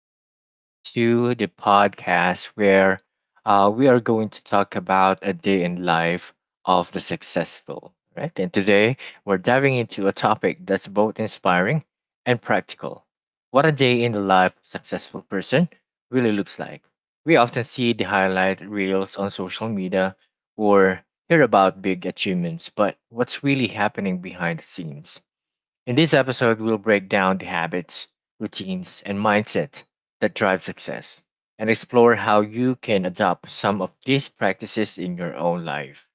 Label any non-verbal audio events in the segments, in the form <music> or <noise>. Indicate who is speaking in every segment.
Speaker 1: welcome back to the podcast where we are going to talk about a day in life of the successful, right? And today we're diving into a topic that's both inspiring and practical. What a day in the life of a successful person really looks like. We often see the highlight reels on social media or hear about big achievements, but what's really happening behind the scenes? In this episode, we'll break down the habits, routines, and mindset that drive success and explore how you can adopt some of these practices in your own life.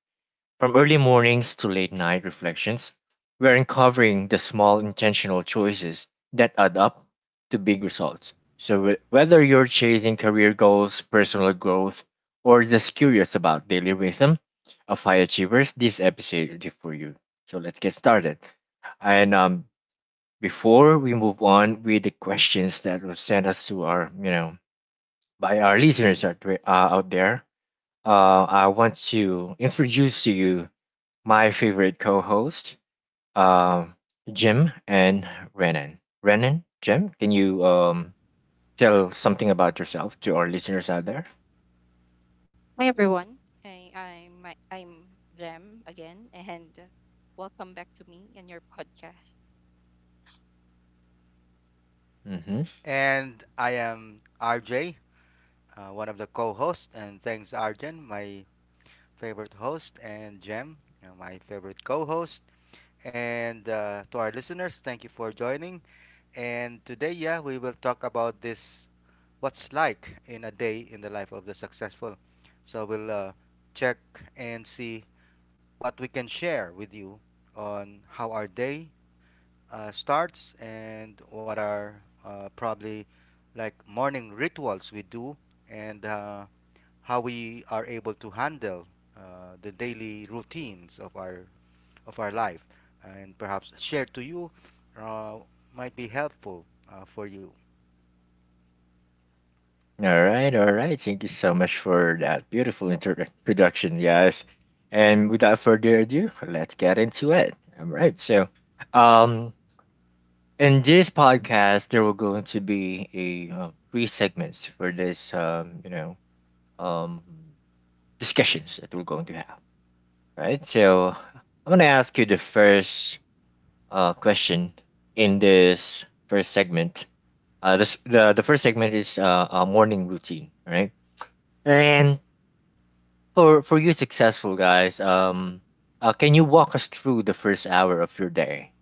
Speaker 1: From early mornings to late night reflections, we're uncovering the small intentional choices that add up to big results. So, whether you're chasing career goals, personal growth, or just curious about daily rhythm of high achievers, this episode is for you. So, let's get started. And Before we move on with the questions that were sent us to our, by our listeners out there, I want to introduce to you my favorite co-host, uh, Jim and Renan. Renan, Jim, can you tell something about yourself to our listeners out there? Mm-hmm.
Speaker 2: And I am RJ, one of the co hosts. And thanks, Arjan, my favorite host, and Jem, my favorite co host. And to our listeners, thank you for joining. And today, yeah, we will talk about this what's like in a day in the life of the successful. So we'll check and see what we can share with you on how our day starts and what are probably like morning rituals we do and how we are able to handle the daily routines of our life and perhaps share to you uh, might be helpful for you
Speaker 1: All right, all right. Thank you so much for that beautiful introduction, guys. And without further ado, let's get into it. All right. So, um, in this podcast, there will going to be a three segments for this, um, discussions that we're going to have. Right. So I'm gonna ask you the first question in this first segment. The first segment is a morning routine. All right. And for you successful guys, can you walk us through the first hour of your day?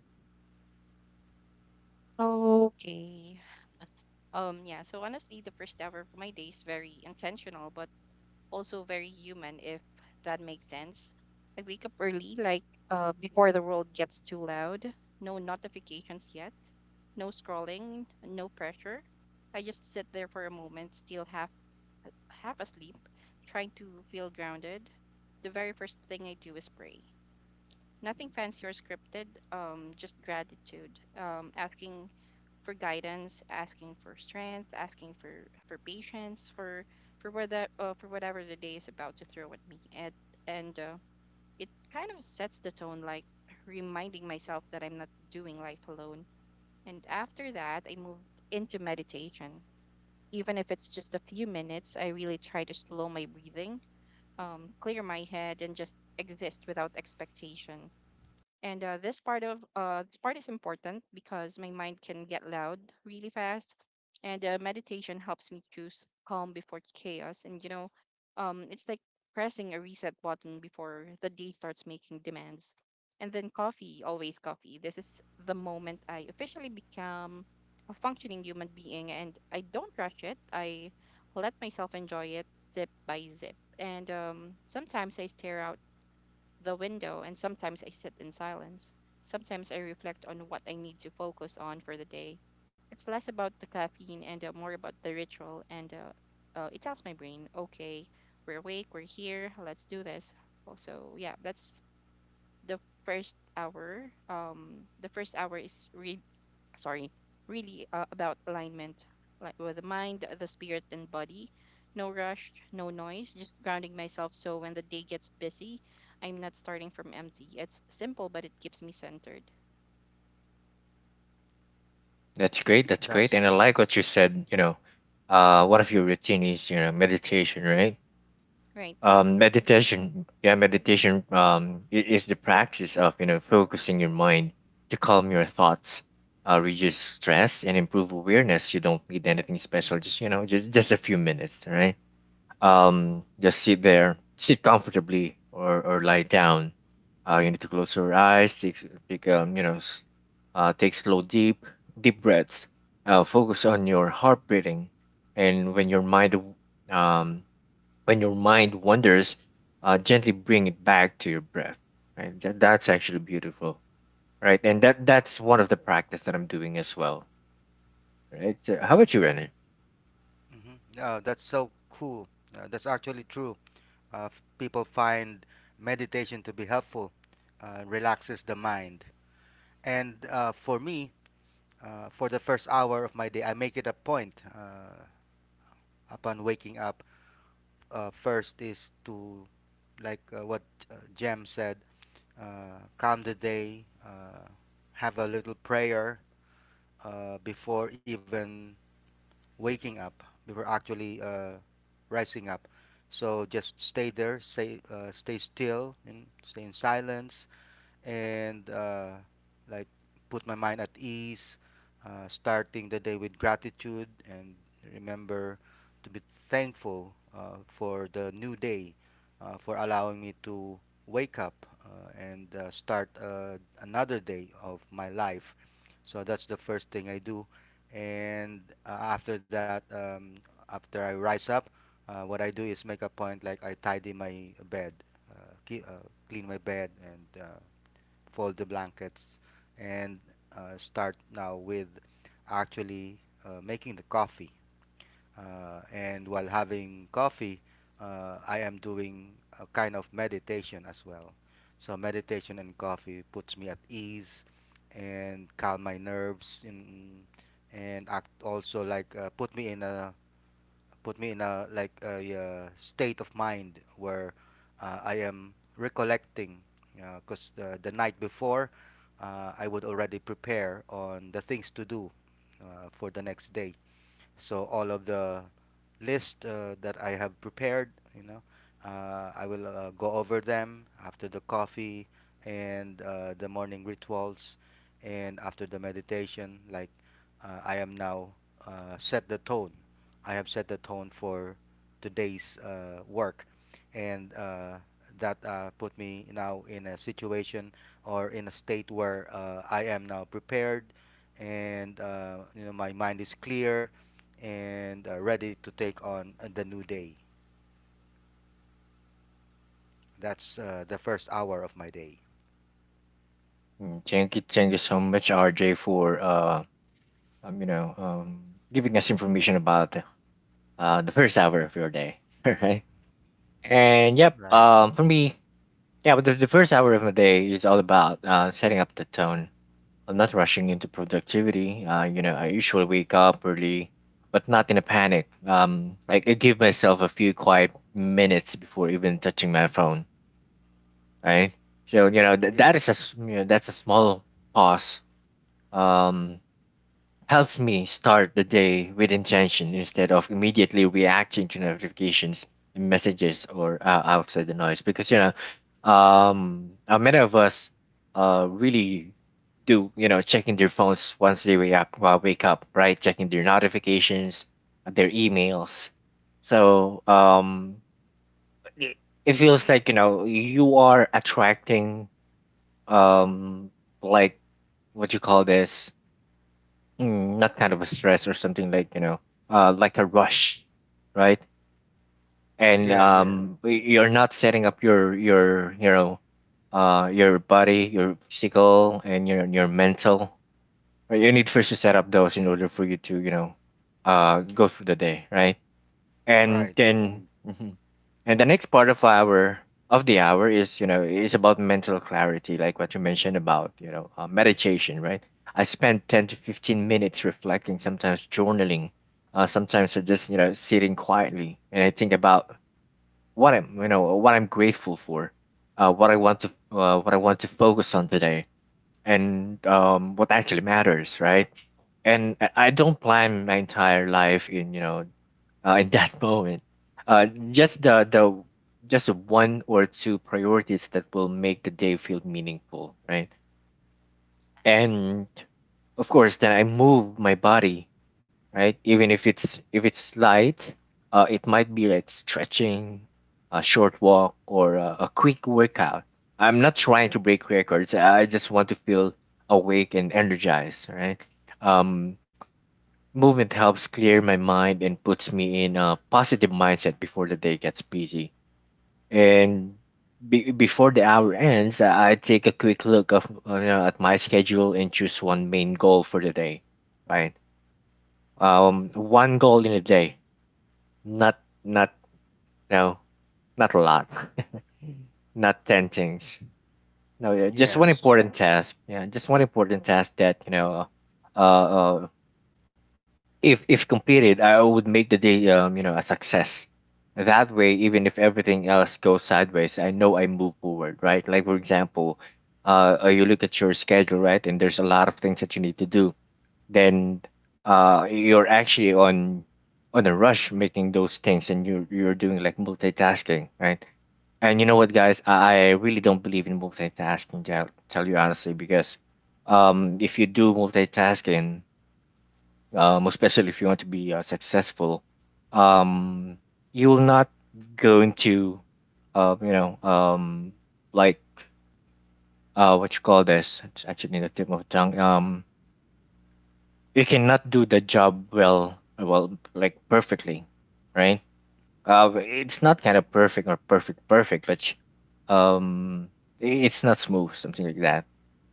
Speaker 1: That's great. That's great. And I
Speaker 2: that's
Speaker 1: like what you said, you know, one of your routine is, you know, meditation, right? Meditation is the practice of, you know, focusing your mind to calm your thoughts, reduce stress, and improve awareness. You don't need anything special, just a few minutes, right? Just sit there, sit comfortably, or lie down. You need to close your eyes, take take you know, s- take slow deep breaths. Focus on your heart beating, and um when your mind wanders, gently bring it back to your breath. Right, that's actually beautiful. Right, and that's one of the practice that I'm doing as well. Right, so how about you, Renner?
Speaker 2: Mhm. That's so cool, that's actually true. People find meditation to be helpful, relaxes the mind. And for me, for the first hour of my day, I make it a point, upon waking up. First is to, like, what Jem said, calm the day, have a little prayer before even waking up, before actually rising up. So just stay there, stay, stay still, and stay in silence, and like put my mind at ease, starting the day with gratitude and remember to be thankful for the new day, for allowing me to wake up and start another day of my life. So that's the first thing I do. And after that, after I rise up, what I do is make a point like I tidy my bed, uh, ki- uh, clean my bed, and fold the blankets, and start now with actually making the coffee. And while having coffee, I am doing a kind of meditation as well. So meditation and coffee puts me at ease and calm my nerves and act also like, put me in a like a state of mind where I am recollecting because the night before I would already prepare on the things to do for the next day. So all of the list that I have prepared, you know, I will go over them after the coffee and the morning rituals and after the meditation. Like I am now set the tone. I have set the tone for today's work, and that put me now in a situation or in a state where I am now prepared, and you know my mind is clear and ready to take on the new day. That's the first hour of my day.
Speaker 1: Mm, thank you, thank you so much, RJ, um, you know, um, giving us information about the first hour of your day, <laughs> right? And yep,
Speaker 2: Right.
Speaker 1: for me, yeah, but the first hour of my day is all about setting up the tone. I'm not rushing into productivity. You know, I usually wake up early, but not in a panic. Like I give myself a few quiet minutes before even touching my phone, right? So that
Speaker 2: Yes.
Speaker 1: is a s- you know, that's a small pause. Um, helps me start the day with intention instead of immediately reacting to notifications and messages or outside the noise because many of us really do you know checking their phones once they wake up right checking their notifications their emails so it, it feels like you know you are attracting um like what you call this not kind of a stress or something like you know like a rush right and
Speaker 2: Yeah, yeah.
Speaker 1: you're not setting up your you know your body your physical and your mental right? You need first to set up those in order for you to you know go through the day right and
Speaker 2: Right.
Speaker 1: then mhm. And the next part of our of the hour is you know is about mental clarity, like what you mentioned about you know meditation, right? I spend 10 to 15 minutes reflecting, sometimes journaling, sometimes I just you know sitting quietly, and I think about what I'm grateful for, what I want to focus on today, and what actually matters, right? And I don't plan my entire life in in that <laughs> moment. Uh, just the the just the one or two priorities that will make the day feel meaningful, right? And of course, then I move my body, right? Even if it's light, it might be like stretching, a short walk, or a quick workout. I'm not trying to break records. I just want to feel awake and energized, right? Um, Movement helps clear my mind and puts me in a positive mindset before the day gets busy. And before the hour ends, I take a quick look of at my schedule and choose one main goal for the day, right? One goal in a day, not not you know, not a lot, <laughs> not ten things. No, yeah, just one
Speaker 2: Yes.
Speaker 1: important task. Yeah, just one important task that you know, uh, uh if completed, I would make the day a success. That way, even if everything else goes sideways, I know I move forward, right? Like for example, you look at your schedule, right, and there's a lot of things that you need to do. Then, you're actually on a rush making those things, and you're doing like multitasking, right? And you know what, guys, I really don't believe in multitasking. Tell you honestly, because if you do multitasking, especially if you want to be successful, um, you're not going to, uh, you know, um, like what you call this? It's actually in the tip of the tongue. You cannot do the job well, like perfectly, right? It's not kind of perfect or perfect, but um, it's not smooth, something like that.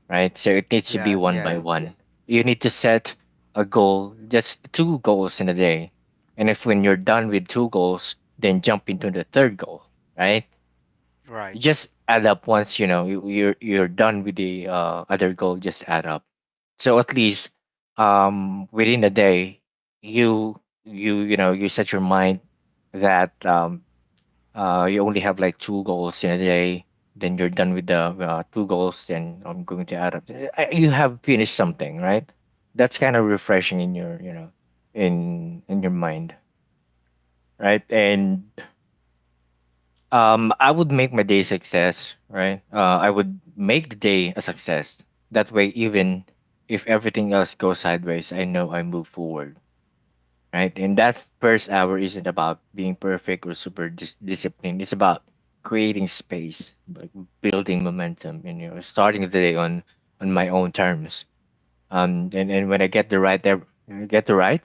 Speaker 1: Right? So it needs to
Speaker 2: Yeah,
Speaker 1: be one
Speaker 2: yeah.
Speaker 1: by one. You need to set a goal, just two goals in a day. And if when you're done with two goals, then jump into the third goal, right?
Speaker 2: Right.
Speaker 1: Just add up once you know you're done with the other goal. Just add up. So at least within a day, you you know you set your mind that you only have like two goals in a day, then you're done with the two goals, then I'm going to add up. You have finished something, right? That's kind of refreshing in in your mind, right? And I would make my day a success, right? I would make the day a success. That way, even if everything else goes sideways, I know I move forward right? And that first hour isn't about being perfect or super disciplined. It's about creating space, like building momentum, and you know, starting the day on my own terms. And and when I get the right,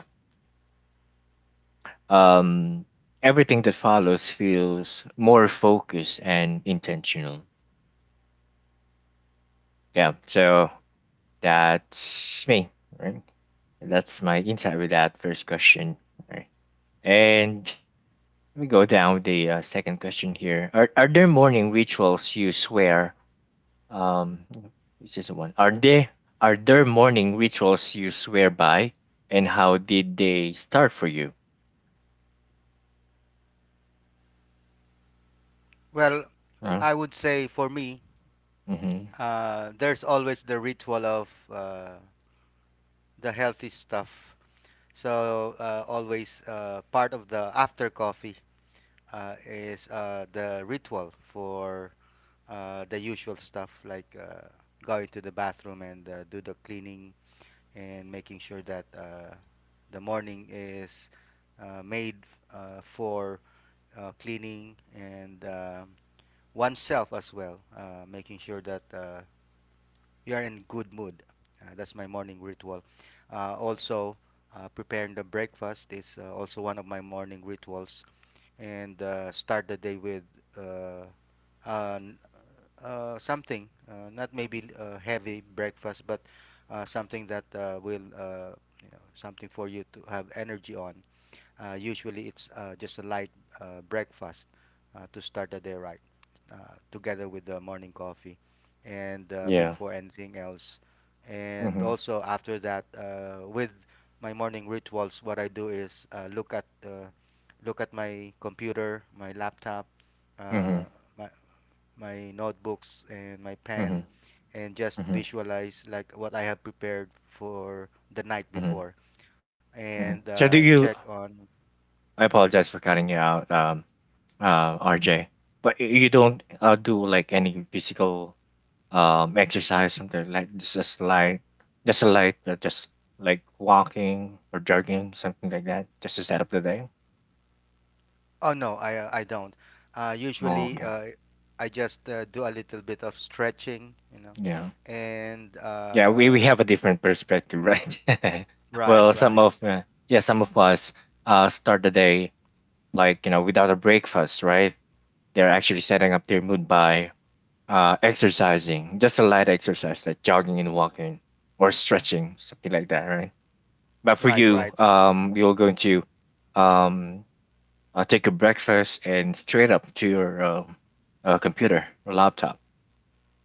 Speaker 1: um, everything that follows feels more focused and intentional. Yeah. So that's me. Right. That's my insight with that first question. Right. And let me go down with the second question here. Are there morning rituals you swear? Um, this is the one. Are there morning rituals you swear by, and how did they start for you?
Speaker 2: Well,
Speaker 1: Huh?
Speaker 2: I would say for me,
Speaker 1: Mm-hmm.
Speaker 2: there's always the ritual of the healthy stuff. So always part of the after coffee is the ritual for the usual stuff like going to the bathroom and do the cleaning and making sure that the morning is made for cleaning and oneself as well, making sure that you are in good mood. That's my morning ritual. Also, preparing the breakfast is also one of my morning rituals, and start the day with uh, a something, not maybe heavy breakfast, but something that will, you know, something for you to have energy on. Usually, it's just a light breakfast to start the day right, uh, together with the morning coffee, and
Speaker 1: Yeah.
Speaker 2: before anything else. And
Speaker 1: Mm-hmm.
Speaker 2: also after that, with my morning rituals, what I do is look at my computer, my laptop,
Speaker 1: Mm-hmm.
Speaker 2: uh, my my notebooks and my
Speaker 1: Mm-hmm.
Speaker 2: pen and just
Speaker 1: Mm-hmm.
Speaker 2: visualize like what I have prepared for the night
Speaker 1: Mm-hmm.
Speaker 2: before and
Speaker 1: Mm-hmm. So do
Speaker 2: check
Speaker 1: you?
Speaker 2: on.
Speaker 1: I apologize for cutting you out, RJ. But you don't do like any physical exercise, something like just a slight, just a light, just like walking or jogging, something like that, just to set up the day.
Speaker 2: Oh no, I don't
Speaker 1: Oh,
Speaker 2: usually,
Speaker 1: okay.
Speaker 2: I just do a little bit of stretching, you know,
Speaker 1: Yeah.
Speaker 2: and
Speaker 1: Yeah, we have a different perspective, right? <laughs>
Speaker 2: right,
Speaker 1: Well,
Speaker 2: right,
Speaker 1: some of us start the day like you know without a breakfast, right? They're actually setting up their mood by exercising, just a light exercise like jogging and walking or stretching, something like that, right? But for
Speaker 2: right,
Speaker 1: you,
Speaker 2: right.
Speaker 1: you're going to um, take a breakfast and straight up to your computer or laptop.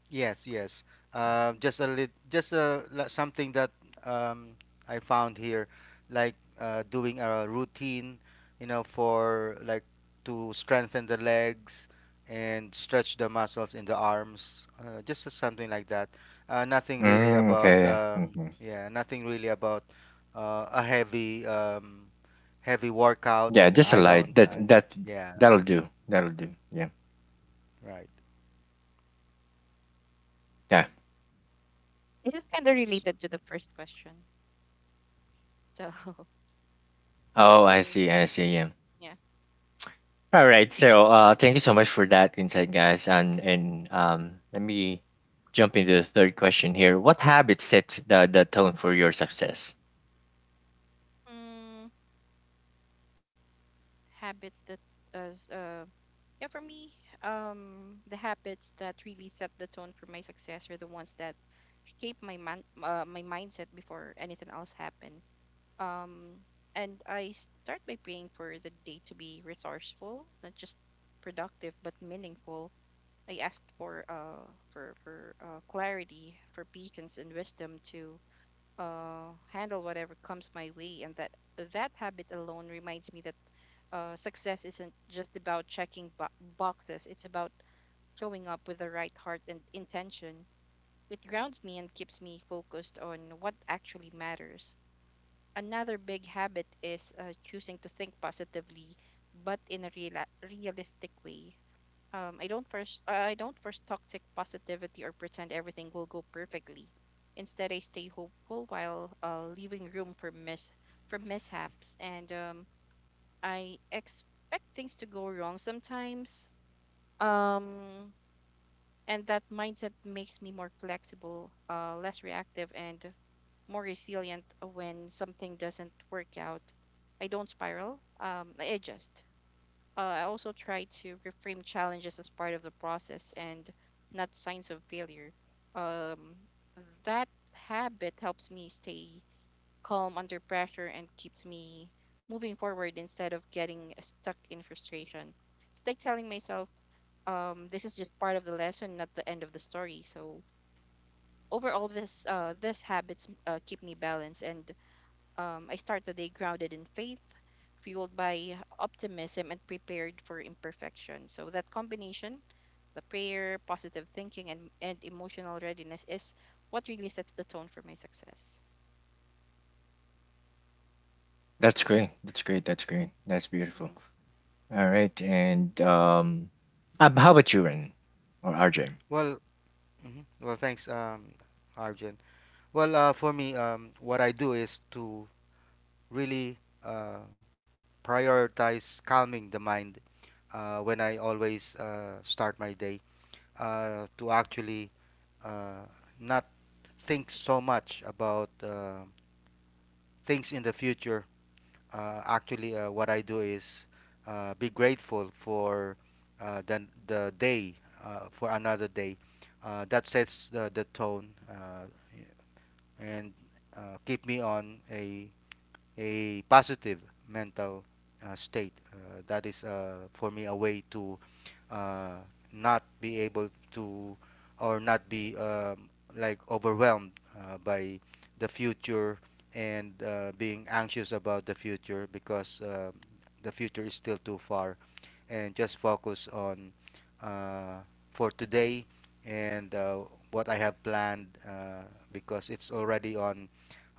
Speaker 2: Yes, yes. Just a something that, um, I found here, like doing a routine, you know, for like to strengthen the legs and stretch the muscles in the arms. Something like that. Nothing really
Speaker 1: Mm,
Speaker 2: about,
Speaker 1: okay. Hmm.
Speaker 2: yeah, nothing really about a heavy heavy workout.
Speaker 1: Yeah,
Speaker 2: You know,
Speaker 1: just a light. That
Speaker 2: I don't.
Speaker 1: that
Speaker 2: Yeah,
Speaker 1: that'll do. That'll do. Yeah.
Speaker 2: right.
Speaker 1: Yeah.
Speaker 2: S-
Speaker 1: Oh, I see. I see. Yeah. All right. So, thank you so much for that insight, guys. And let me jump into the third question here. What habits set the tone for your success? That's great. That's great. That's great. That's beautiful. All right. And how about you, Ren or RJ?
Speaker 2: Well, mhm. Well, thanks, Arjun. Well, for me, what I do is to really uh, prioritize calming the mind when I always start my day, to actually uh, not think so much about things in the future. Actually, what I do is be grateful for the day, for another day. That sets the tone, and keep me on a positive mental state. That is for me a way to uh, not be able to or not be, like overwhelmed by the future and being anxious about the future, because the future is still too far and just focus on, uh, for today, and what I have planned because it's already on.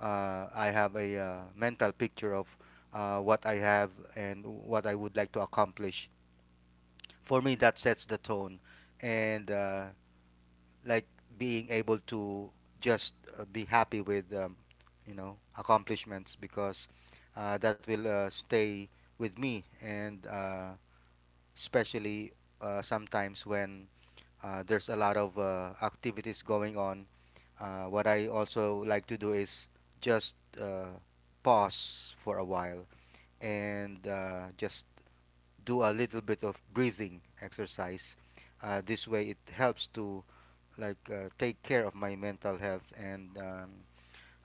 Speaker 2: I have a mental picture of what I have and what I would like to accomplish. For me, that sets the tone, and like being able to just be happy with, you know, accomplishments, because that will stay with me and especially sometimes when there's a lot of activities going on. What I also like to do is just pause for a while and just do a little bit of breathing exercise. This way, it helps to like take care of my mental health and, um,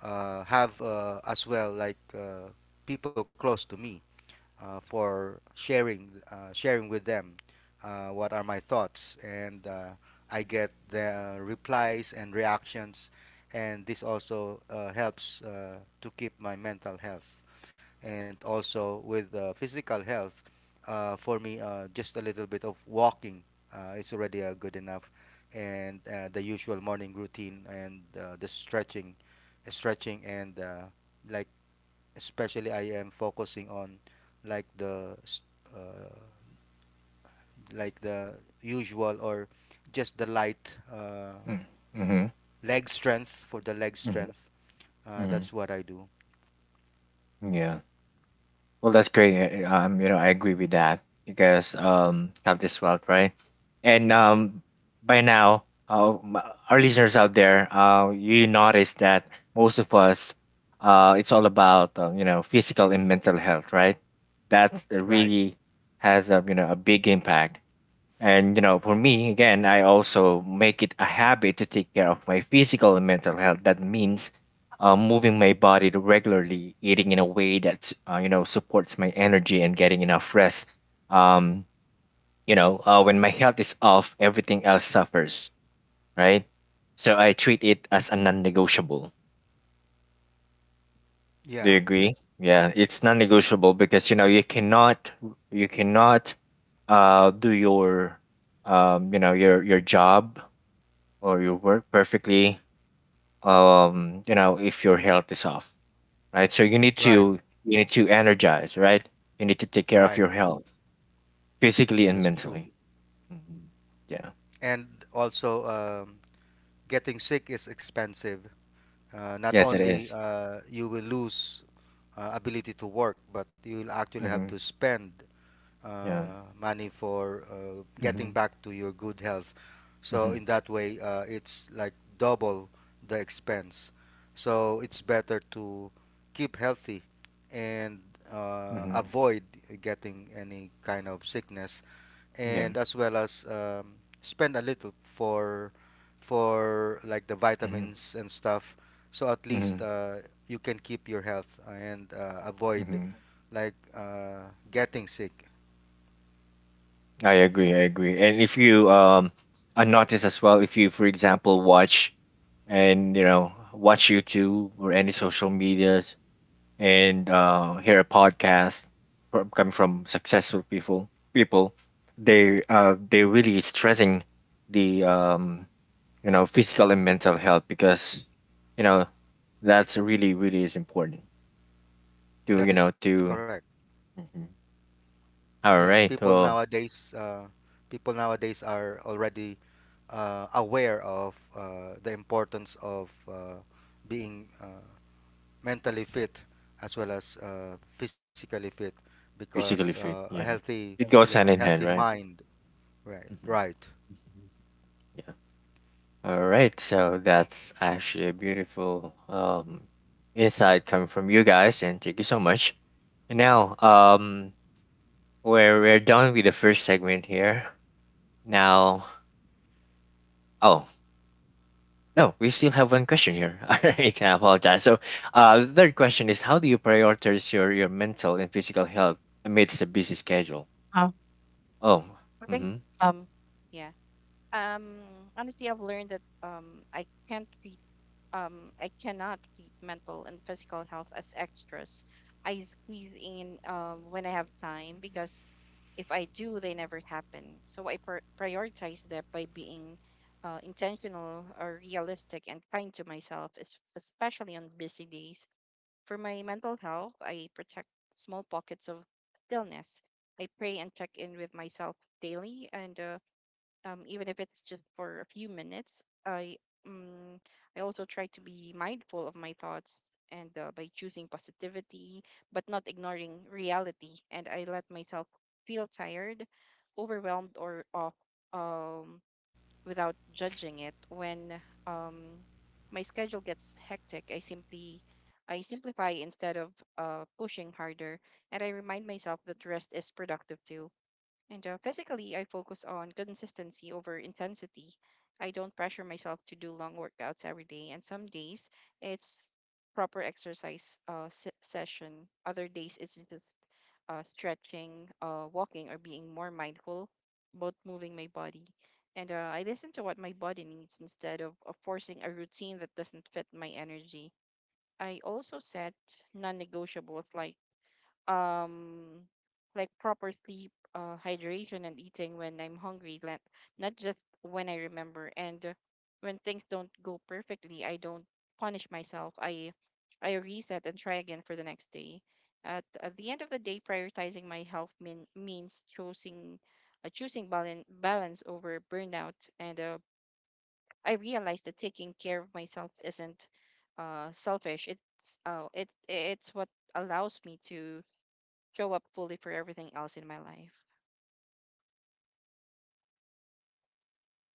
Speaker 2: uh, have as well like people close to me for sharing with them what are my thoughts, and I get the replies and reactions, and this also helps to keep my mental health, and also with physical health. For me, just a little bit of walking is already good enough, and the usual morning routine and the stretching and like especially I am focusing on like uh, like the usual or just the light
Speaker 1: Mm, mhm,
Speaker 2: leg
Speaker 1: you mhm,
Speaker 2: strength. That's what I do.
Speaker 1: mhm. Yeah. Well, that's great. You know, I agree with that because have this wealth, right? And by now, our listeners out there, you notice that most of us, it's all about you know physical and mental health, right? That's the
Speaker 2: Right.
Speaker 1: really has a you know a big impact. And you know, for me, again, I also make it a habit to take care of my physical and mental health. That means moving my body regularly, eating in a way that you know supports my energy, and getting enough rest. Um, you know, when my health is off, everything else suffers, right? So I treat it as a non-negotiable. Do
Speaker 2: Yeah.
Speaker 1: you agree? Yeah, it's non-negotiable because you know you cannot do your you know your job or you work perfectly you know if your health is off, right? So
Speaker 2: Right.
Speaker 1: you need to energize, right? You need to take care of
Speaker 2: Right.
Speaker 1: your health physically and
Speaker 2: That's true.
Speaker 1: mentally. Mhm. Yeah.
Speaker 2: And also, getting sick is expensive. Not
Speaker 1: Yes, it
Speaker 2: only
Speaker 1: is.
Speaker 2: you will lose ability to work, but you'll actually have to
Speaker 1: Mm-hmm.
Speaker 2: spend
Speaker 1: Yeah.
Speaker 2: money for
Speaker 1: Mm-hmm.
Speaker 2: getting back to your good health. So
Speaker 1: Mm-hmm.
Speaker 2: in that way, it's like double the expense. So it's better to keep healthy and
Speaker 1: Mm-hmm.
Speaker 2: avoid getting any kind of sickness,
Speaker 1: Yeah.
Speaker 2: and as well as, spend a little for like the
Speaker 1: Mm-hmm.
Speaker 2: vitamins and stuff. So at least
Speaker 1: Mm-hmm.
Speaker 2: you can keep your health and avoid
Speaker 1: Mm-hmm.
Speaker 2: like getting sick.
Speaker 1: I agree. I agree. And if you I notice as well, if you for example watch and you know watch youtube or any social medias and hear a podcast come from successful people. People, they really stressing the you know physical and mental health because you know that's really is important to you
Speaker 2: That
Speaker 1: know
Speaker 2: is correct.
Speaker 1: to. Mhm.
Speaker 2: Yes,
Speaker 1: All
Speaker 2: people
Speaker 1: right, well,
Speaker 2: nowadays, people nowadays are already aware of the importance of being mentally fit as well as physically fit, because
Speaker 1: physically fit,
Speaker 2: a
Speaker 1: yeah,
Speaker 2: healthy,
Speaker 1: it goes
Speaker 2: yeah,
Speaker 1: hand in
Speaker 2: healthy
Speaker 1: hand, right?
Speaker 2: mind. Right,
Speaker 1: Hmm.
Speaker 2: right,
Speaker 1: All right, so that's actually a beautiful insight coming from you guys, and thank you so much. And now, we're done with the first segment here. Now, oh no, we still have one question here. <laughs> All right, I apologize. So, the third question is, how do you prioritize your mental and physical health amidst a busy schedule? Oh, mm-hmm.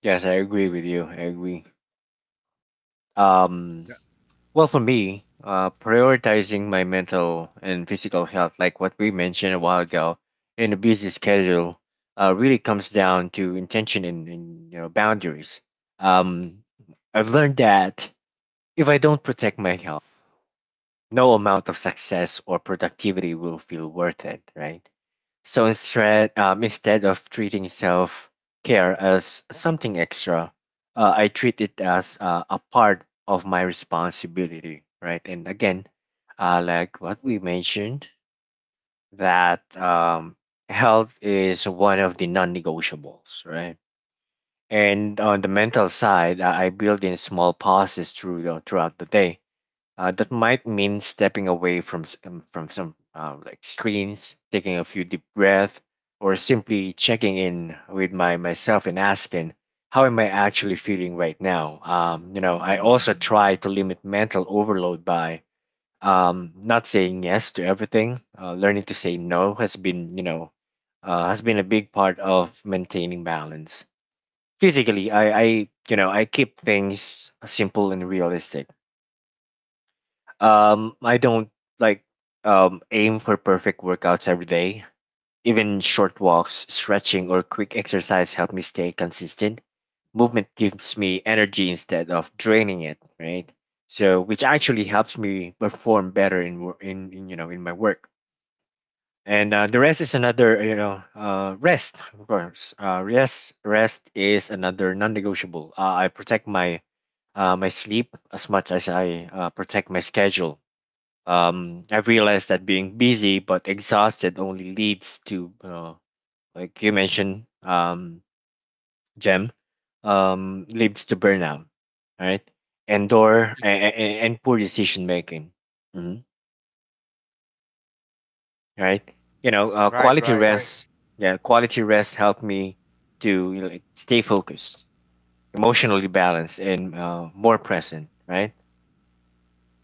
Speaker 1: Yes, I agree with you. I agree. Um,
Speaker 2: Tha-
Speaker 1: Well, for me, prioritizing my mental and physical health, like what we mentioned a while ago, in a busy schedule, really comes down to intention and you know boundaries. Um, I've learned that if I don't protect my health, no amount of success or productivity will feel worth it, right? So instead, instead of treating self care as something extra, I treat it as a part of my responsibility, right? And again, like what we mentioned, that health is one of the non negotiables, right? And on the mental side, I build in small pauses throughout the day, that might mean stepping away from s- from some like screens, taking a few deep breaths, or simply checking in with my myself and asking, "How am I actually feeling right now?" You know, I also try to limit mental overload by not saying yes to everything. Learning to say no has been, you know, has been a big part of maintaining balance. Physically, you know, I keep things simple and realistic, I don't like aim for perfect workouts every day. Even short walks, stretching, or quick exercise help me stay consistent. Movement gives me energy instead of draining it, right? So, which actually helps me perform better in in you know in my work. And the rest is another you know rest, of course. Rest is another non-negotiable. I protect my my sleep as much as I protect my schedule. Um, I've realized that being busy but exhausted only leads to, like you mentioned, Jem, leads to burnout, right? And poor decision making. Mhm. Right? You know,
Speaker 2: right,
Speaker 1: quality Right.
Speaker 2: right.
Speaker 1: rest, yeah, quality rest helped me to you know, like stay focused, emotionally balanced, and more present, right?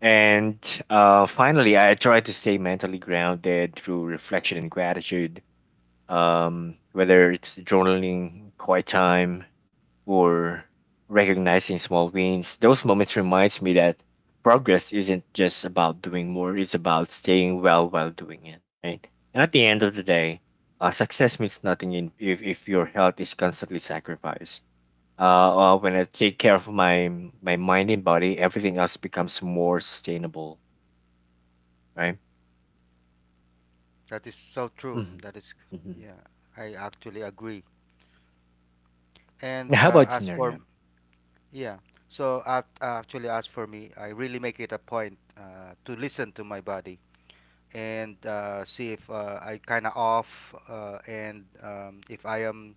Speaker 1: And finally, I try to stay mentally grounded through reflection and gratitude, whether it's journaling, quiet time, or recognizing small wins. Those moments reminds me that progress isn't just about doing more; it's about staying well while doing it. Right. And at the end of the day, success means nothing if your health is constantly sacrificed. When I take care of my mind and body, everything else becomes more sustainable. Right.
Speaker 2: That is so true.
Speaker 1: Hmm.
Speaker 2: That is,
Speaker 1: Hmm.
Speaker 2: yeah, I actually agree. And
Speaker 1: How about you,
Speaker 2: as for
Speaker 1: Nerna?
Speaker 2: yeah. So actually, as for me, I really make it a point to listen to my body and see if I kind of off, and, if I am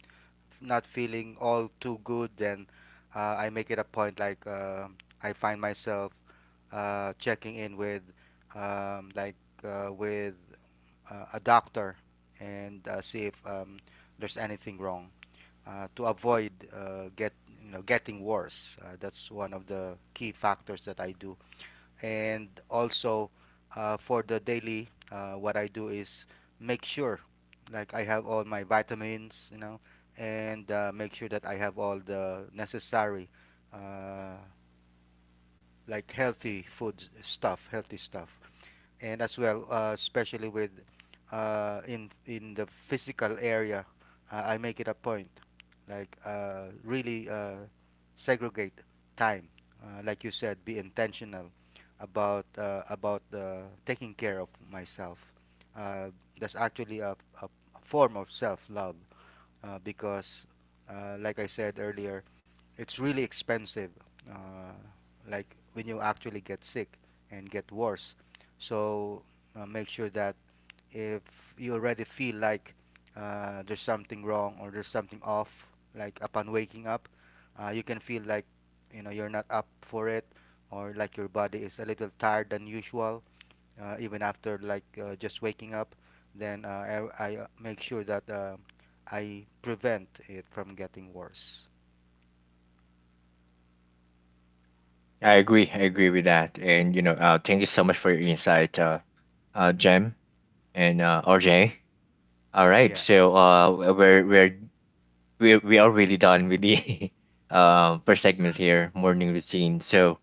Speaker 2: not feeling all too good, then I make it a point like, I find myself checking in with, um, like with a doctor and see if, there's anything wrong to avoid get you know getting worse. That's one of the key factors that I do, and also for the daily, what I do is make sure, like I have all my vitamins, you know, and make sure that I have all the necessary, uh, like healthy food stuff, healthy stuff, and as well, especially with in the physical area, I make it a point, like really segregate time, like you said, be intentional about taking care of myself. Uh, that's actually a form of self-love, because, like I said earlier, it's really expensive. Uh, like when you actually get sick and get worse, so make sure that if you already feel like there's something wrong or there's something off, like upon waking up, you can feel like you know you're not up for it or like your body is a little tired than usual even after just waking up, then I make sure that I prevent it from getting worse.
Speaker 1: I agree. I agree with that. And you know, thank you so much for your insight, Jem and RJ. All right,
Speaker 2: Yeah.
Speaker 1: so we are really done with the <laughs> first segment here, morning routine. So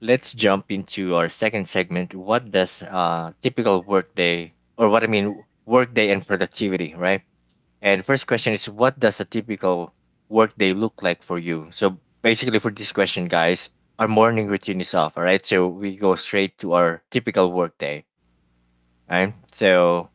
Speaker 1: let's jump into our second segment. What does typical work day, or what I mean, work day and productivity, right? And first question is, what does a typical workday look like for you? So basically for this question, guys, our morning routine is off, all right? So we go straight to our typical workday, all right? So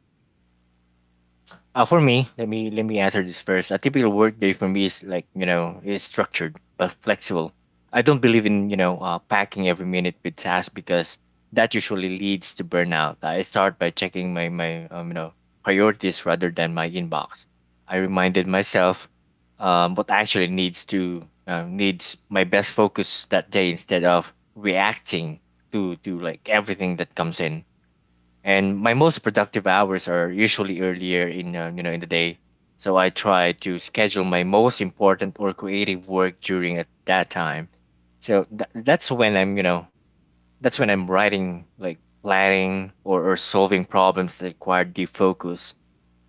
Speaker 1: for me, let me answer this first. A typical workday for me is like you know is structured but flexible. I don't believe in you know packing every minute with tasks because that usually leads to burnout. I start by checking my you know priorities rather than my inbox. I reminded myself what actually needs to needs my best focus that day instead of reacting to like everything that comes in. And my most productive hours are usually earlier in you know in the day, so I try to schedule my most important or creative work during at that time. So that's when I'm you know, that's when I'm writing like planning or solving problems that require deep focus.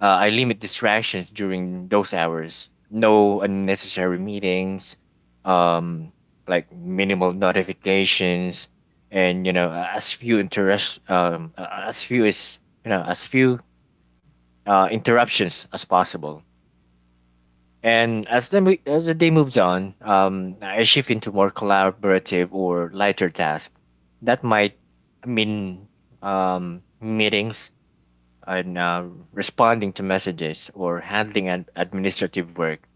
Speaker 1: Uh, I limit distractions during those hours. No unnecessary meetings, um, like minimal notifications, and you know, as few interest, as few as you know, as few interruptions as possible. And as the day moves on, I shift into more collaborative or lighter tasks. That might mean meetings and responding to messages or handling administrative work.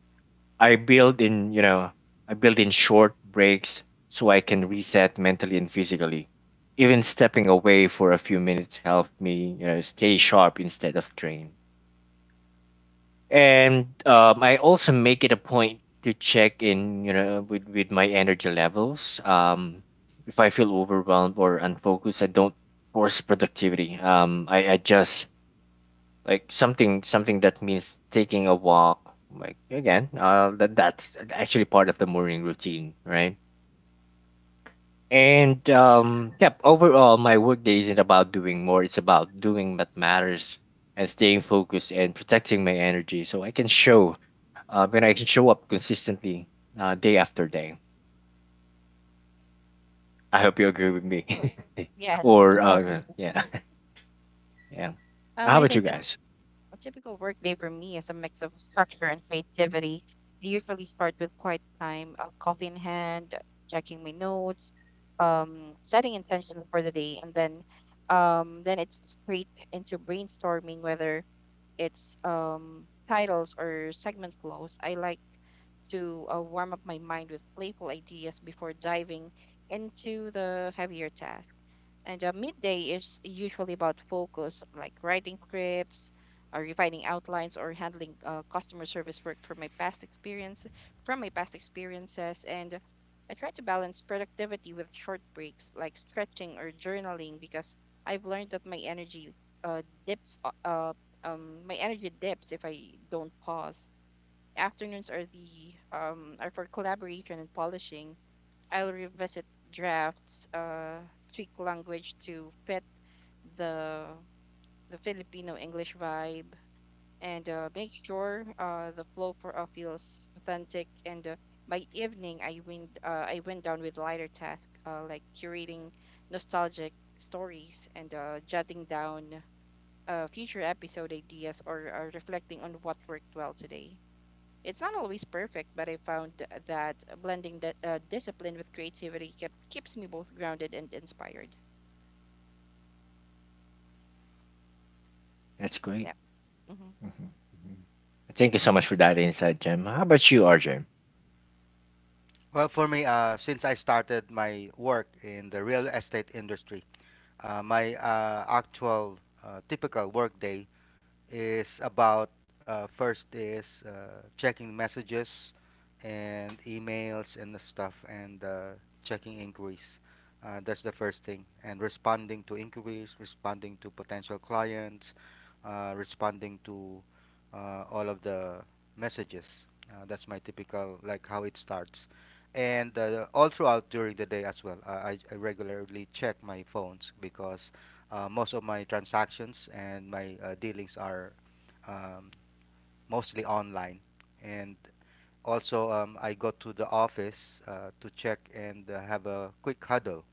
Speaker 1: I build in, you know, I build in short breaks so I can reset mentally and physically. Even stepping away for a few minutes help me, you know, stay sharp instead of drained. And I also make it a point to check in, you know, with my energy levels. If I feel overwhelmed or unfocused, I don't force productivity. I just like something that means taking a walk like again that's actually part of the morning routine, right? And um, yep, overall my workday isn't about doing more, it's about doing what matters and staying focused and protecting my energy, so I can show when I can show up consistently, uh, day after day. I hope you agree with me. <laughs> Or uh, yeah. <laughs> Yeah. How about you guys? That's great. Mhm, mhm. Thank you so much for that insight, Jem. How about you, RJ?
Speaker 2: Well, for me, since I started my work in the real estate industry, my actual typical work day is about first is checking messages and emails and the stuff and checking inquiries. That's the first thing. And responding to inquiries, responding to potential clients, responding to all of the messages. That's my typical, like how it starts. And all throughout during the day as well, I regularly check my phones because most of my transactions and my dealings are um, mostly online. And also, I go to the office to check and have a quick huddle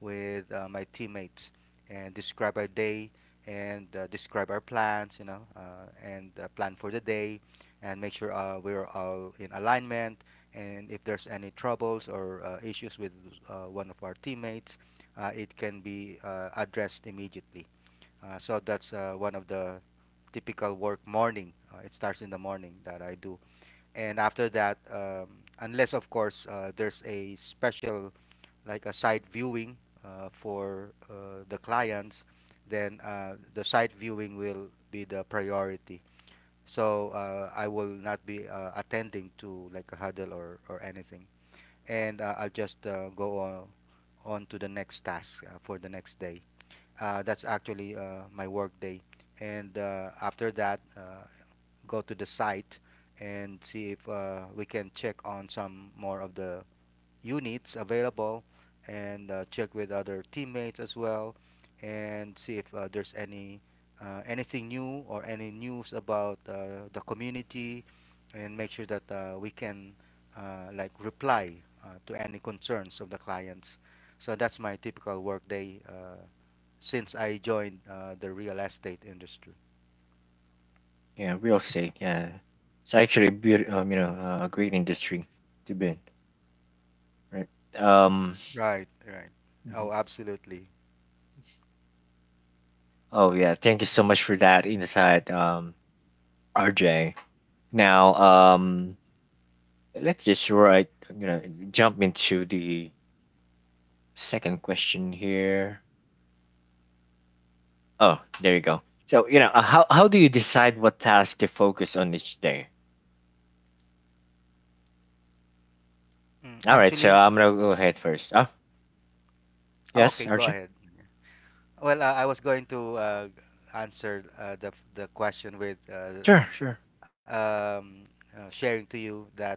Speaker 2: with my teammates and describe our day and describe our plans, you know, and plan for the day and make sure we're all in alignment. And if there's any troubles or issues with one of our teammates, it can be addressed immediately. So that's one of the typical work morning. It starts in the morning that I do, and after that, unless of course there's a special like a site viewing for the clients, then the site viewing will be the priority. So I will not be attending to like a huddle or anything, and I'll just on to the next task for the next day. That's actually my work day and after that, go to the site and see if we can check on some more of the units available and check with other teammates as well and see if there's any anything new or any news about the community and make sure that we can like reply to any concerns of the clients, so that's my typical work day since I joined the real estate industry.
Speaker 1: Yeah, real estate. Yeah, it's actually a you know, a great industry to be in, right? Um.
Speaker 2: Right, right.
Speaker 1: Mhm.
Speaker 2: Oh, absolutely.
Speaker 1: Oh yeah, thank you so much for that insight, RJ. Now, let's just right, you know, jump into the second question here. Oh, there you go. So you know, how do you decide what task to focus on each day?
Speaker 2: Mm,
Speaker 1: All right, so
Speaker 2: actually,
Speaker 1: I'm gonna go ahead first. Oh,
Speaker 2: oh, okay,
Speaker 1: yes,
Speaker 2: go
Speaker 1: RJ.
Speaker 2: ahead. Well, I was going to answer the question with
Speaker 1: Sure, sure.
Speaker 2: um, sharing to you that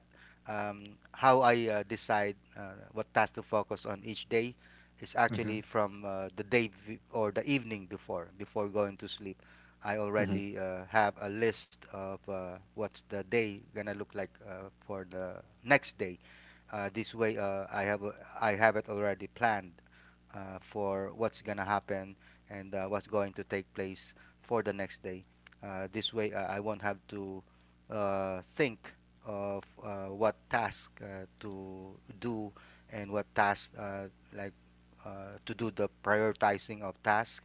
Speaker 2: how I decide what task to focus on each day is
Speaker 1: Hmm.
Speaker 2: actually from the day or the evening before going to sleep. I
Speaker 1: Hmm.
Speaker 2: already have a list of what's the day gonna look like for the next day. This way, I have it already planned for what's gonna happen and what's going to take place for the next day. This way, I won't have to think of what task to do and what task like to do the prioritizing of tasks,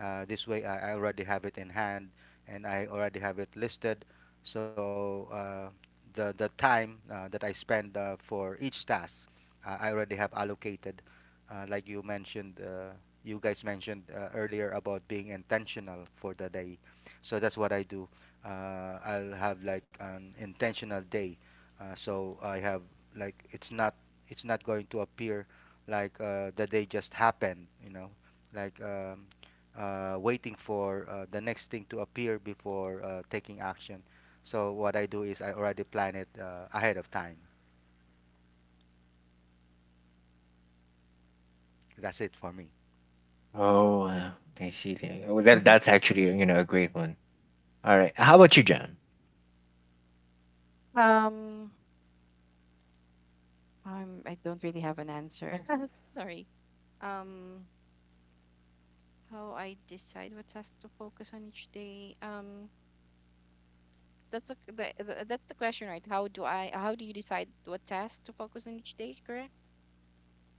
Speaker 2: this way, I already have it in hand and I already have it listed. So the time that I spend for each task, I already have allocated. Like you mentioned, you guys mentioned earlier about being intentional for the day. So that's what I do. I'll have like an intentional day. So I have like it's not going to appear like the day just happened. You know, like waiting for the next thing to appear before taking action. So what I do is I already plan it ahead of time. That's it for me.
Speaker 1: Oh, wow. Okay, I see. There- Well, that's actually, you know, a great one. All right. How about you, John?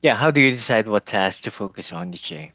Speaker 1: Yeah. How do you decide what tasks to focus on each day?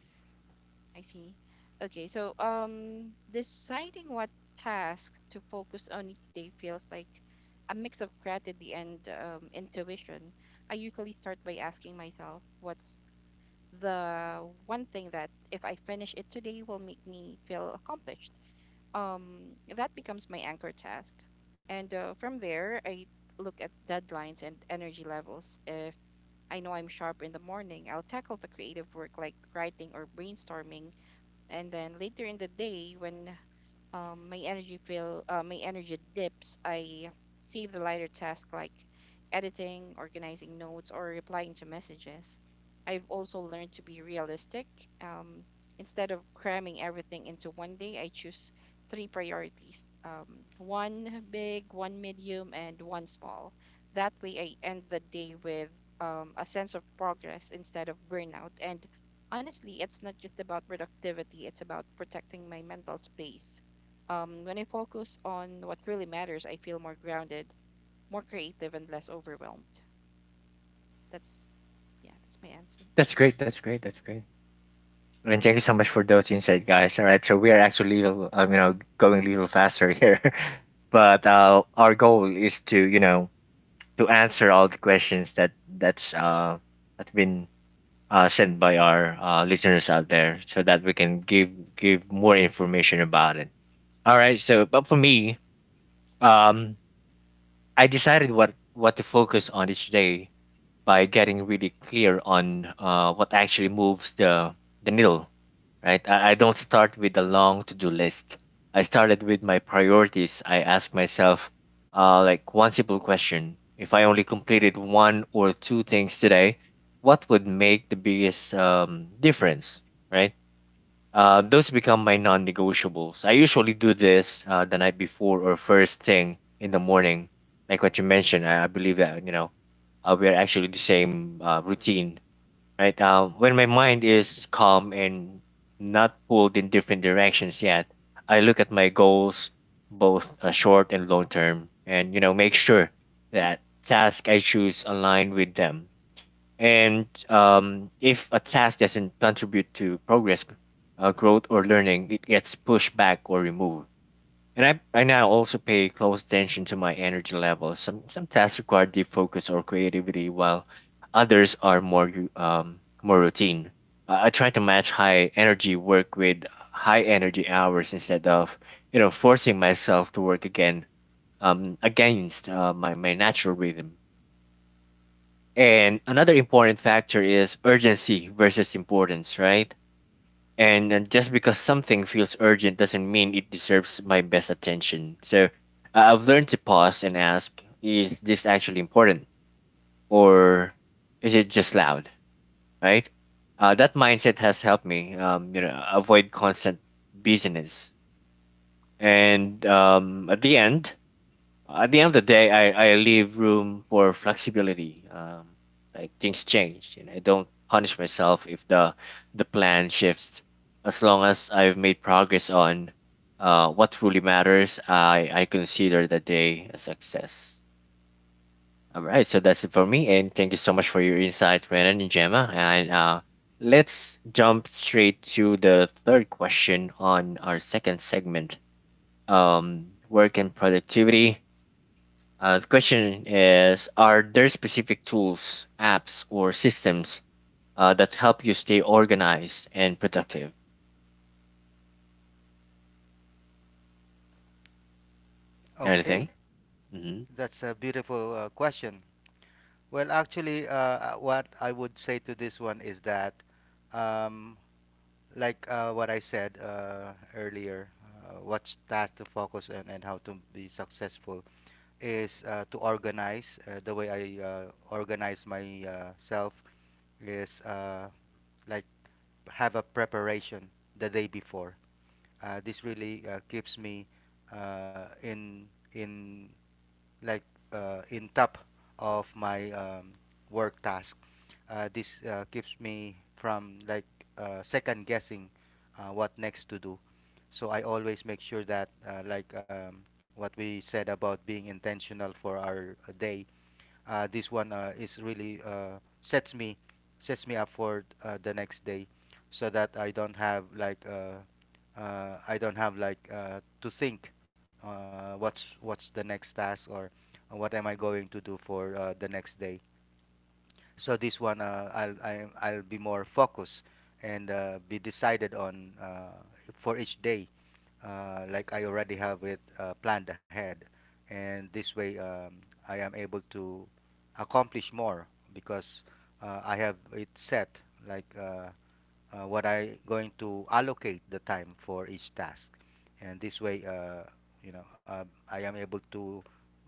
Speaker 1: That's great. That's great. That's great. And thank you so much for those insights, guys. All right. So we are actually, little, you know, going a little faster here, <laughs> but our goal is to, you know, to answer all the questions that that's been sent by our listeners out there, so that we can give more information about it. All right. So, but for me, um, I decided what to focus on each day by getting really clear on what actually moves the needle. Right. I don't start with a long to do list. I started with my priorities. I ask myself, like one simple question: If I only completed one or two things today, what would make the biggest difference? Right, those become my non negotiables. I usually do this the night before or first thing in the morning. Like what you mentioned, I believe that, you know, we are actually the same routine, right? When my mind is calm and not pulled in different directions yet, I look at my goals, both short and long term, and, you know, make sure that task I choose align with them and If a task doesn't contribute to progress, growth, or learning, it gets pushed back or removed. And I now also pay close attention to my energy levels. Some tasks require deep focus or creativity, while others are more routine. I try to match high energy work with high energy hours instead of, you know, forcing myself to work again against my natural rhythm. And another important factor is urgency versus importance, right? And just because something feels urgent doesn't mean it deserves my best attention. So I've learned to pause and ask, is this actually important? Or is it just loud, right? That mindset has helped me, you know, avoid constant busyness. And at the end of the day, I leave room for flexibility. Like things change, and I don't punish myself if the plan shifts. As long as I've made progress on what truly matters, I consider the day a success. All right, so that's it for me, and thank you so much for your insight, Renan and Gemma. And let's jump straight to the third question on our second segment. Work and productivity. Uh, the question is, are there specific tools, apps, or systems that help you stay organized and productive? Anything?
Speaker 2: Okay,
Speaker 1: hmm
Speaker 2: that's a beautiful question. Well, actually, what I would say to this one is that, um, like what I said earlier, what's task to focus on and how to be successful is to organize. The way I organize myself is like have a preparation the day before. This really keeps me uh, in in like in top of my work task. This keeps me from like second guessing what next to do. So I always make sure that like what we said about being intentional for our day, this one is really sets me sets me up for the next day, so that I don't have like I don't have like to think what's the next task or what am I going to do for the next day. So this one I'll be more focused and be decided on for each day, like I already have it planned ahead, and this way I am able to accomplish more because I have it set. Like what I going to allocate the time for each task, and this way, you know, I am able to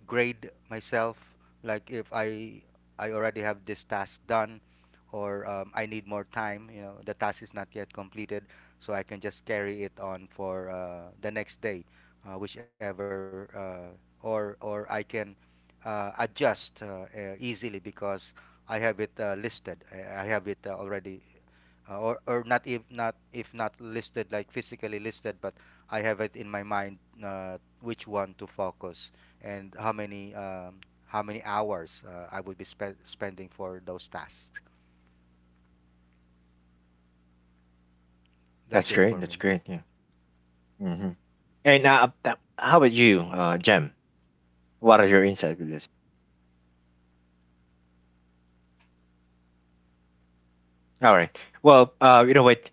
Speaker 2: grade myself. Like if I I already have this task done, or I need more time, you know, the task is not yet completed, so I can just carry it on for the next day, whichever, or I can adjust easily because I have it listed. I have it already or not if not if not listed like physically listed, but I have it in my mind which one to focus and how many hours I would be spending for those tasks.
Speaker 1: That's
Speaker 2: That's it
Speaker 1: great.
Speaker 2: for
Speaker 1: That's
Speaker 2: me.
Speaker 1: great. Yeah. hmm And how about you, Jem? What are your insights with this? All right. Well, you know what?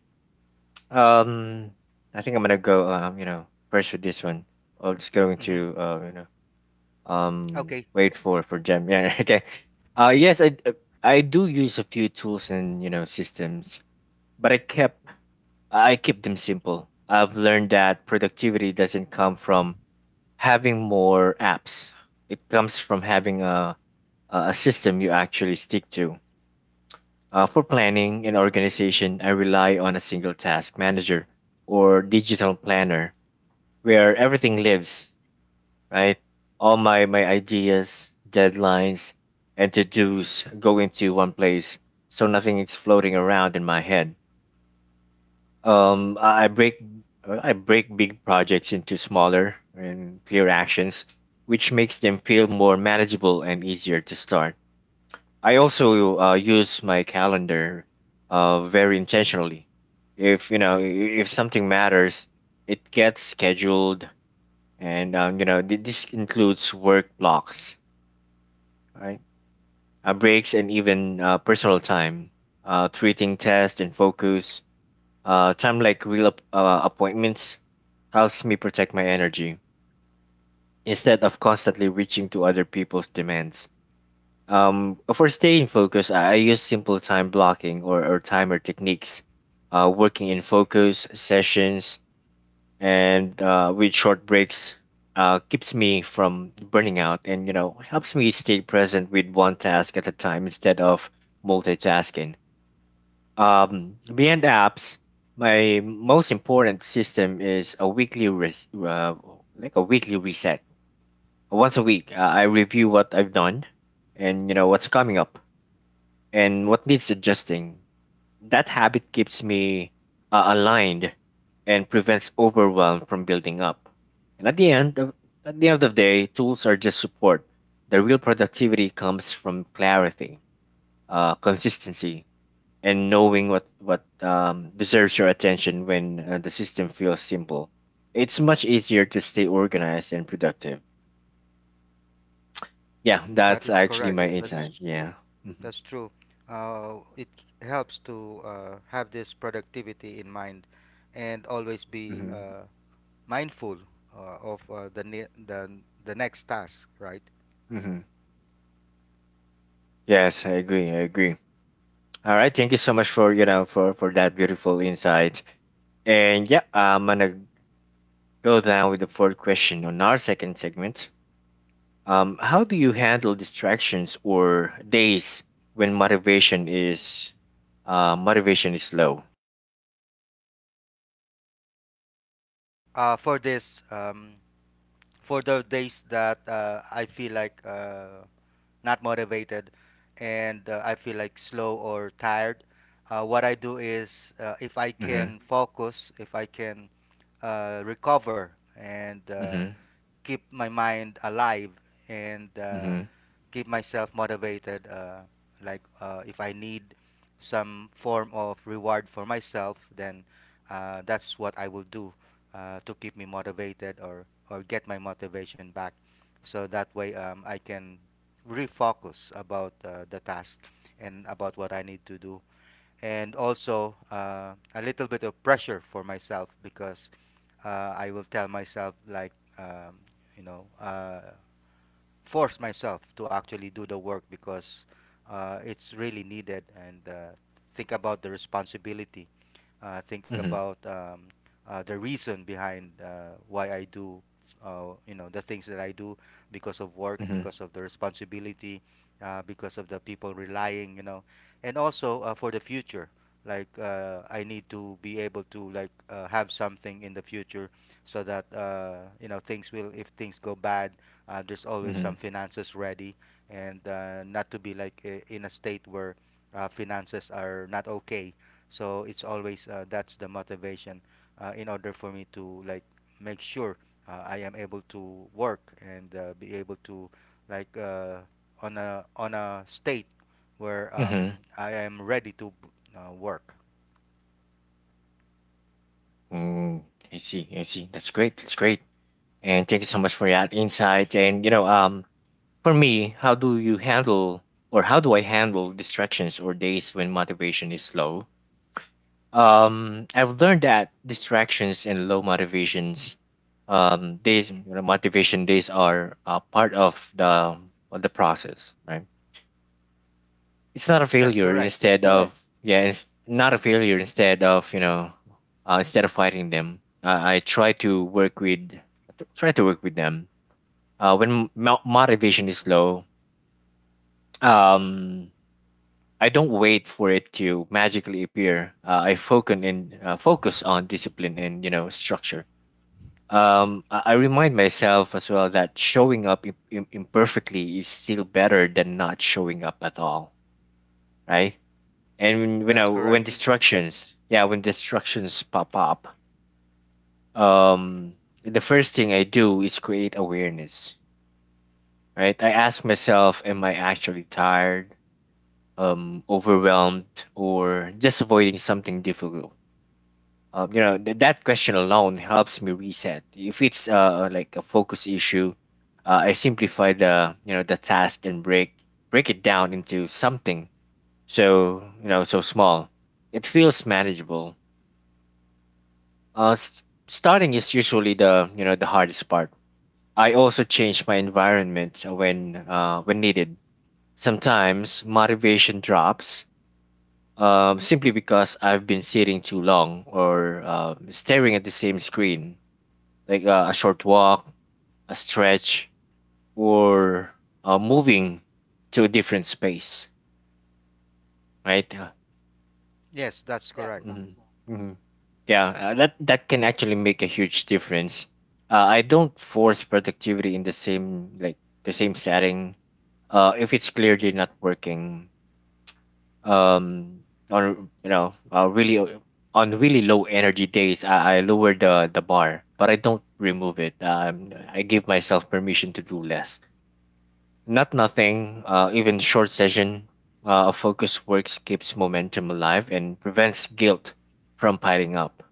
Speaker 1: Um, I think I'm gonna go. You know, first with this one. I'm just going
Speaker 2: Hmm.
Speaker 1: to, you know,
Speaker 2: Okay,
Speaker 1: wait for Jem. Yeah. <laughs> Okay. Yes, I do use a few tools and, you know, systems. But I keep them simple. I've learned that productivity doesn't come from having more apps. It comes from having a system you actually stick to. For planning and organization, I rely on a single task manager or digital planner where everything lives, right? All my ideas, deadlines, and to dos go into one place so nothing is floating around in my head. Um, I I break I break big projects into smaller and clear actions, which makes them feel more manageable and easier to start. I also use my calendar very intentionally. If you know I- If something matters, it gets scheduled, and, you know, this includes work blocks, right? Breaks and even personal time. Uh, treating test and focus, time like real appointments helps me protect my energy instead of constantly reaching to other people's demands. For staying focused, I use simple time blocking or timer techniques, working in focus sessions and with short breaks. Keeps me from burning out and, you know, helps me stay present with one task at a time instead of multitasking. Um, beyond apps, my most important system is a like a weekly reset. Once a week, I review what I've done and, you know, what's coming up and what needs adjusting. That habit keeps me aligned and prevents overwhelm from building up. And at the end of, at the end of the day, tools are just support. The real productivity comes from clarity, consistency, and knowing what deserves your attention. When the system feels simple, it's much easier to stay organized and productive. Yeah,
Speaker 2: that
Speaker 1: that's
Speaker 2: is
Speaker 1: actually
Speaker 2: correct.
Speaker 1: my insight.
Speaker 2: That's
Speaker 1: Yeah. hmm
Speaker 2: that's true. It helps to have this productivity in mind, and always be
Speaker 1: hmm
Speaker 2: mindful of the ne- the next task, right?
Speaker 1: hmm Yes, I agree. I agree. All right. Thank you so much for, you know, for that beautiful insight. And yeah, I'm gonna go down with the fourth question on our second segment. How do you handle distractions or days when motivation is low?
Speaker 2: For this for those days that I feel like not motivated and I feel like slow or tired, what I do is if I
Speaker 1: Mm-hmm.
Speaker 2: can focus, if I can recover and
Speaker 1: Mm-hmm.
Speaker 2: keep my mind alive and
Speaker 1: Mm-hmm.
Speaker 2: keep myself motivated, like if I need some form of reward for myself, then that's what I will do to keep me motivated or get my motivation back so that way, I can refocus about the task and about what I need to do, and also a little bit of pressure for myself because I will tell myself like um, you know, force myself to actually do the work because it's really needed, and think about the responsibility, think
Speaker 1: Mm-hmm.
Speaker 2: about the reason behind why I do, you know, the things that I do because of work,
Speaker 1: Mm-hmm.
Speaker 2: because of the responsibility, because of the people relying, you know, and also for the future. Like I need to be able to like have something in the future so that you know, things will, if things go bad, there's always some finances ready and not to be like in a state where finances are not okay, so it's always that's the motivation in order for me to like make sure I am able to work and be able to like on a state where
Speaker 1: Mm-hmm.
Speaker 2: I am ready to work.
Speaker 1: Mm, I see. I see. That's great. That's great. And thank you so much for that insight. And, you know, for me, how do you handle or how do I handle distractions or days when motivation is low? I've learned that distractions and low motivations, days, you know, motivation days are part of the process, right? It's not a
Speaker 2: That's
Speaker 1: failure.
Speaker 2: correct.
Speaker 1: Instead— right— of yeah, it's not a failure. Instead of, you know, instead of fighting them, I try to work with, try to work with them. When motivation is low, um, I don't wait for it to magically appear. I focus in focus on discipline and, you know, structure. I remind myself as well that showing up imperfectly is still better than not showing up at all, right? And when, you
Speaker 2: That's
Speaker 1: know, when
Speaker 2: correct.
Speaker 1: distractions, yeah, when distractions pop up, um, the first thing I do is create awareness, right? I ask myself, am I actually tired? Um, overwhelmed, or just avoiding something difficult? You know, that question alone helps me reset. If it's like a focus issue, I simplify the, you know, the task and break it down into something so, you know, so small. It feels manageable. Uh, s- Starting is usually the, you know, the hardest part. I also change my environment when needed. Sometimes motivation drops simply because I've been sitting too long or staring at the same screen, like a short walk, a stretch, or moving to a different space, right? Yes,
Speaker 2: Yes, that's
Speaker 1: yes.
Speaker 2: correct.
Speaker 1: Mm-hmm. hmm Yeah, that that can actually make a huge difference. I don't force productivity in the same, like the same setting. If it's clearly not working, um, on, you know, on really low energy days, I lower the bar, but I don't remove it. Um, I give myself permission to do less, not nothing. Uh, even short session of focus works keeps momentum alive and prevents guilt from piling up.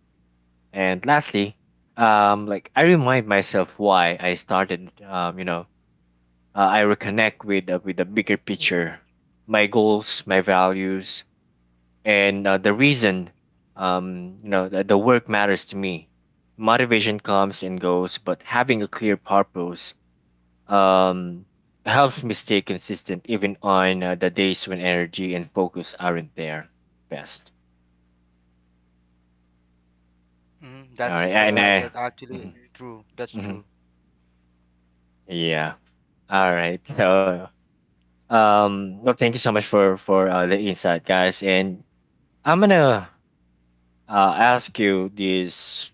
Speaker 1: And lastly, um, like I remind myself why I started. Um, you know, I reconnect with the bigger picture, my goals, my values, and the reason, you know, that the work matters to me. Motivation comes and goes, but having a clear purpose, um, helps me stay consistent even on the days when energy and focus aren't there best.
Speaker 2: Hmm.
Speaker 1: All right, and I,
Speaker 2: That actually
Speaker 1: mhm,
Speaker 2: true. That's
Speaker 1: mhm.
Speaker 2: true.
Speaker 1: Yeah, all right, so, um, well, thank you so much for the insight, guys. And I'm gonna ask you this,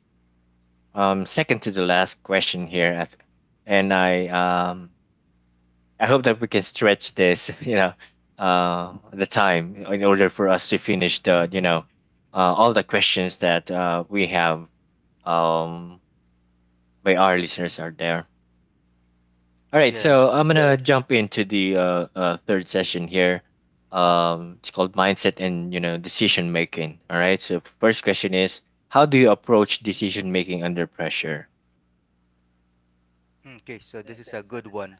Speaker 1: second to the last question here. I th- and I hope that we can stretch this, <laughs> you know, the time in order for us to finish the, you know, all the questions that we have, um, by our listeners are there. All right, so
Speaker 2: Yes.
Speaker 1: I'm gonna, yes, jump into the third session here. It's called mindset and, you know, decision making. All right, so first question is, how do you approach decision making under pressure?
Speaker 2: Okay, so this is a good one.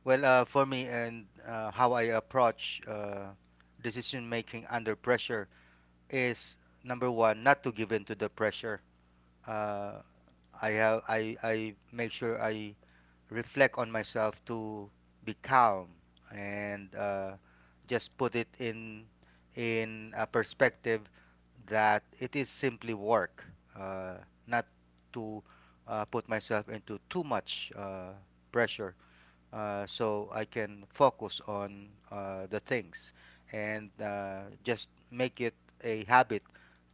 Speaker 2: Well, for me and how I approach decision making under pressure is number one, not to give in to the pressure. Uh, I make sure I reflect on myself to be calm and just put it in a perspective that it is simply work, uh, not to put myself into too much pressure, so I can focus on the things and just make it a habit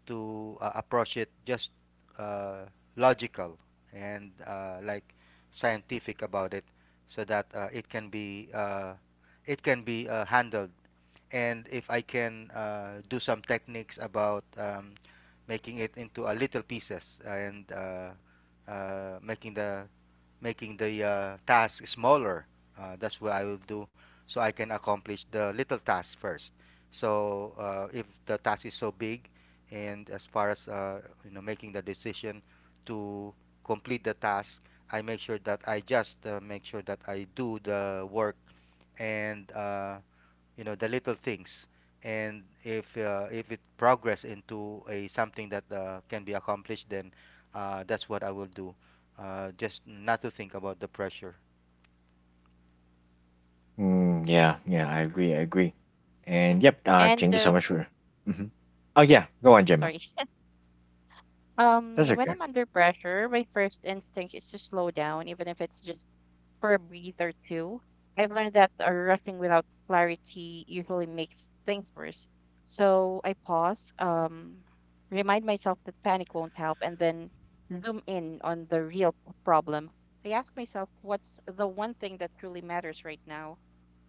Speaker 2: to approach it just uh, logical and like scientific about it so that it can be handled, and if I can do some techniques about making it into a little pieces and uh, making the making the task smaller. That's what I will do so I can accomplish the little task first. So if the task is so big, and as far as you know, making the decision to complete the task, I make sure that I just make sure that I do the work and you know, the little things, and if it progress into a something that can be accomplished, then that's what I will do, just not to think about the pressure.
Speaker 1: Mm, yeah, yeah, I agree, I agree. And yep,
Speaker 3: And
Speaker 1: thank you so much for. hmm Oh yeah, go on, Gemma.
Speaker 3: Sorry. <laughs>
Speaker 1: That's
Speaker 3: When
Speaker 1: okay.
Speaker 3: I'm under pressure, my first instinct is to slow down, even if it's just for a breath or two. I've learned that rushing without clarity usually makes things worse. So I pause, remind myself that panic won't help, and then zoom in on the real problem. I ask myself, what's the one thing that truly matters right now?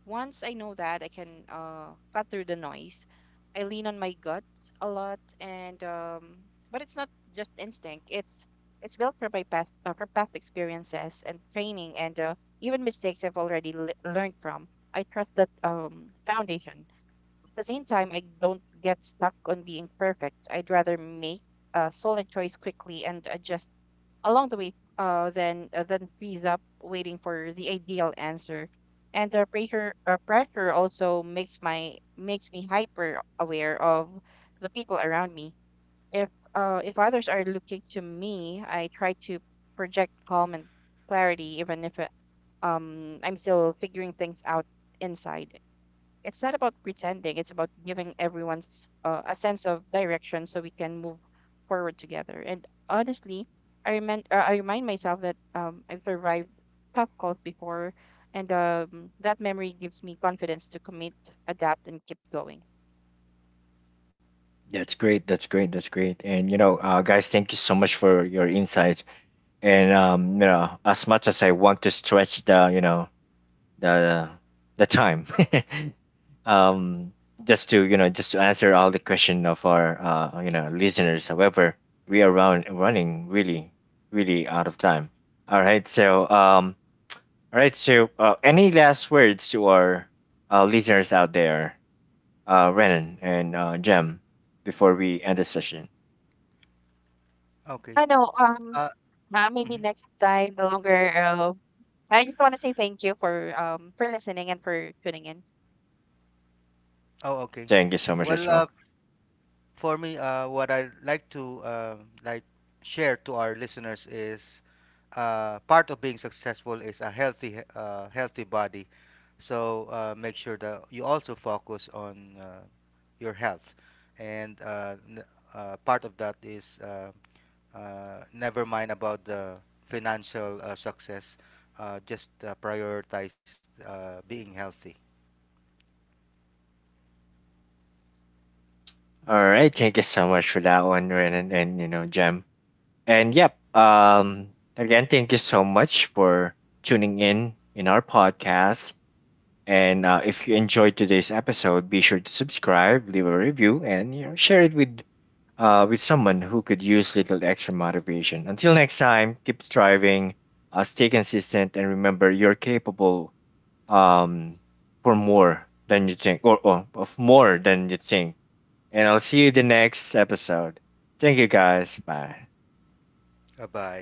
Speaker 3: Once I know that I can cut through the noise, I lean on my gut a lot, and but it's not just instinct. It's built from my past from past experiences and training, and even mistakes I've already learned from. I trust that foundation. At the same time, I don't get stuck on being perfect. I'd rather make a solid choice quickly and adjust along the way then frees up waiting for the ideal answer, and the pressure pressure also makes my makes me hyper aware of the people around me. If if others are looking to me, I try to project calm and clarity, even if I'm still figuring things out inside. It's not about pretending, it's about giving everyone's a sense of direction so we can move forward together. And honestly, I remind myself that I've survived tough calls before, and that memory gives me confidence to commit, adapt, and keep going.
Speaker 1: That's great. That's great. That's great. And, you know, guys, thank you so much for your insights. And you know, as much as I want to stretch the, you know, the the time, <laughs> um, just to, you know, just to answer all the question of our you know, listeners. However, we are running really, really out of time. All right, so, um. All right. So, any last words to our listeners out there, Renan and Jem, before we end the session?
Speaker 2: Okay.
Speaker 3: I know,
Speaker 2: uh,
Speaker 3: maybe
Speaker 2: mhm.
Speaker 3: next time the longer, I just want to say thank you for listening and for tuning in.
Speaker 2: Oh, okay.
Speaker 1: Thank you so much as
Speaker 2: Well,
Speaker 1: well.
Speaker 2: for me, what I like to like share to our listeners is part of being successful is a healthy healthy body. So make sure that you also focus on your health, and part of that is never mind about the financial success. Just prioritize being healthy.
Speaker 1: All right. Thank you so much for that one, Renan, and, you know, Jem. And yep. Again, thank you so much for tuning in our podcast. And if you enjoyed today's episode, be sure to subscribe, leave a review, and, you know, share it with someone who could use little extra motivation. Until next time, keep striving, stay consistent, and remember you're capable um, for more than you think, or of more than you think. And I'll see you the next episode. Thank you guys. Bye.
Speaker 2: Bye bye.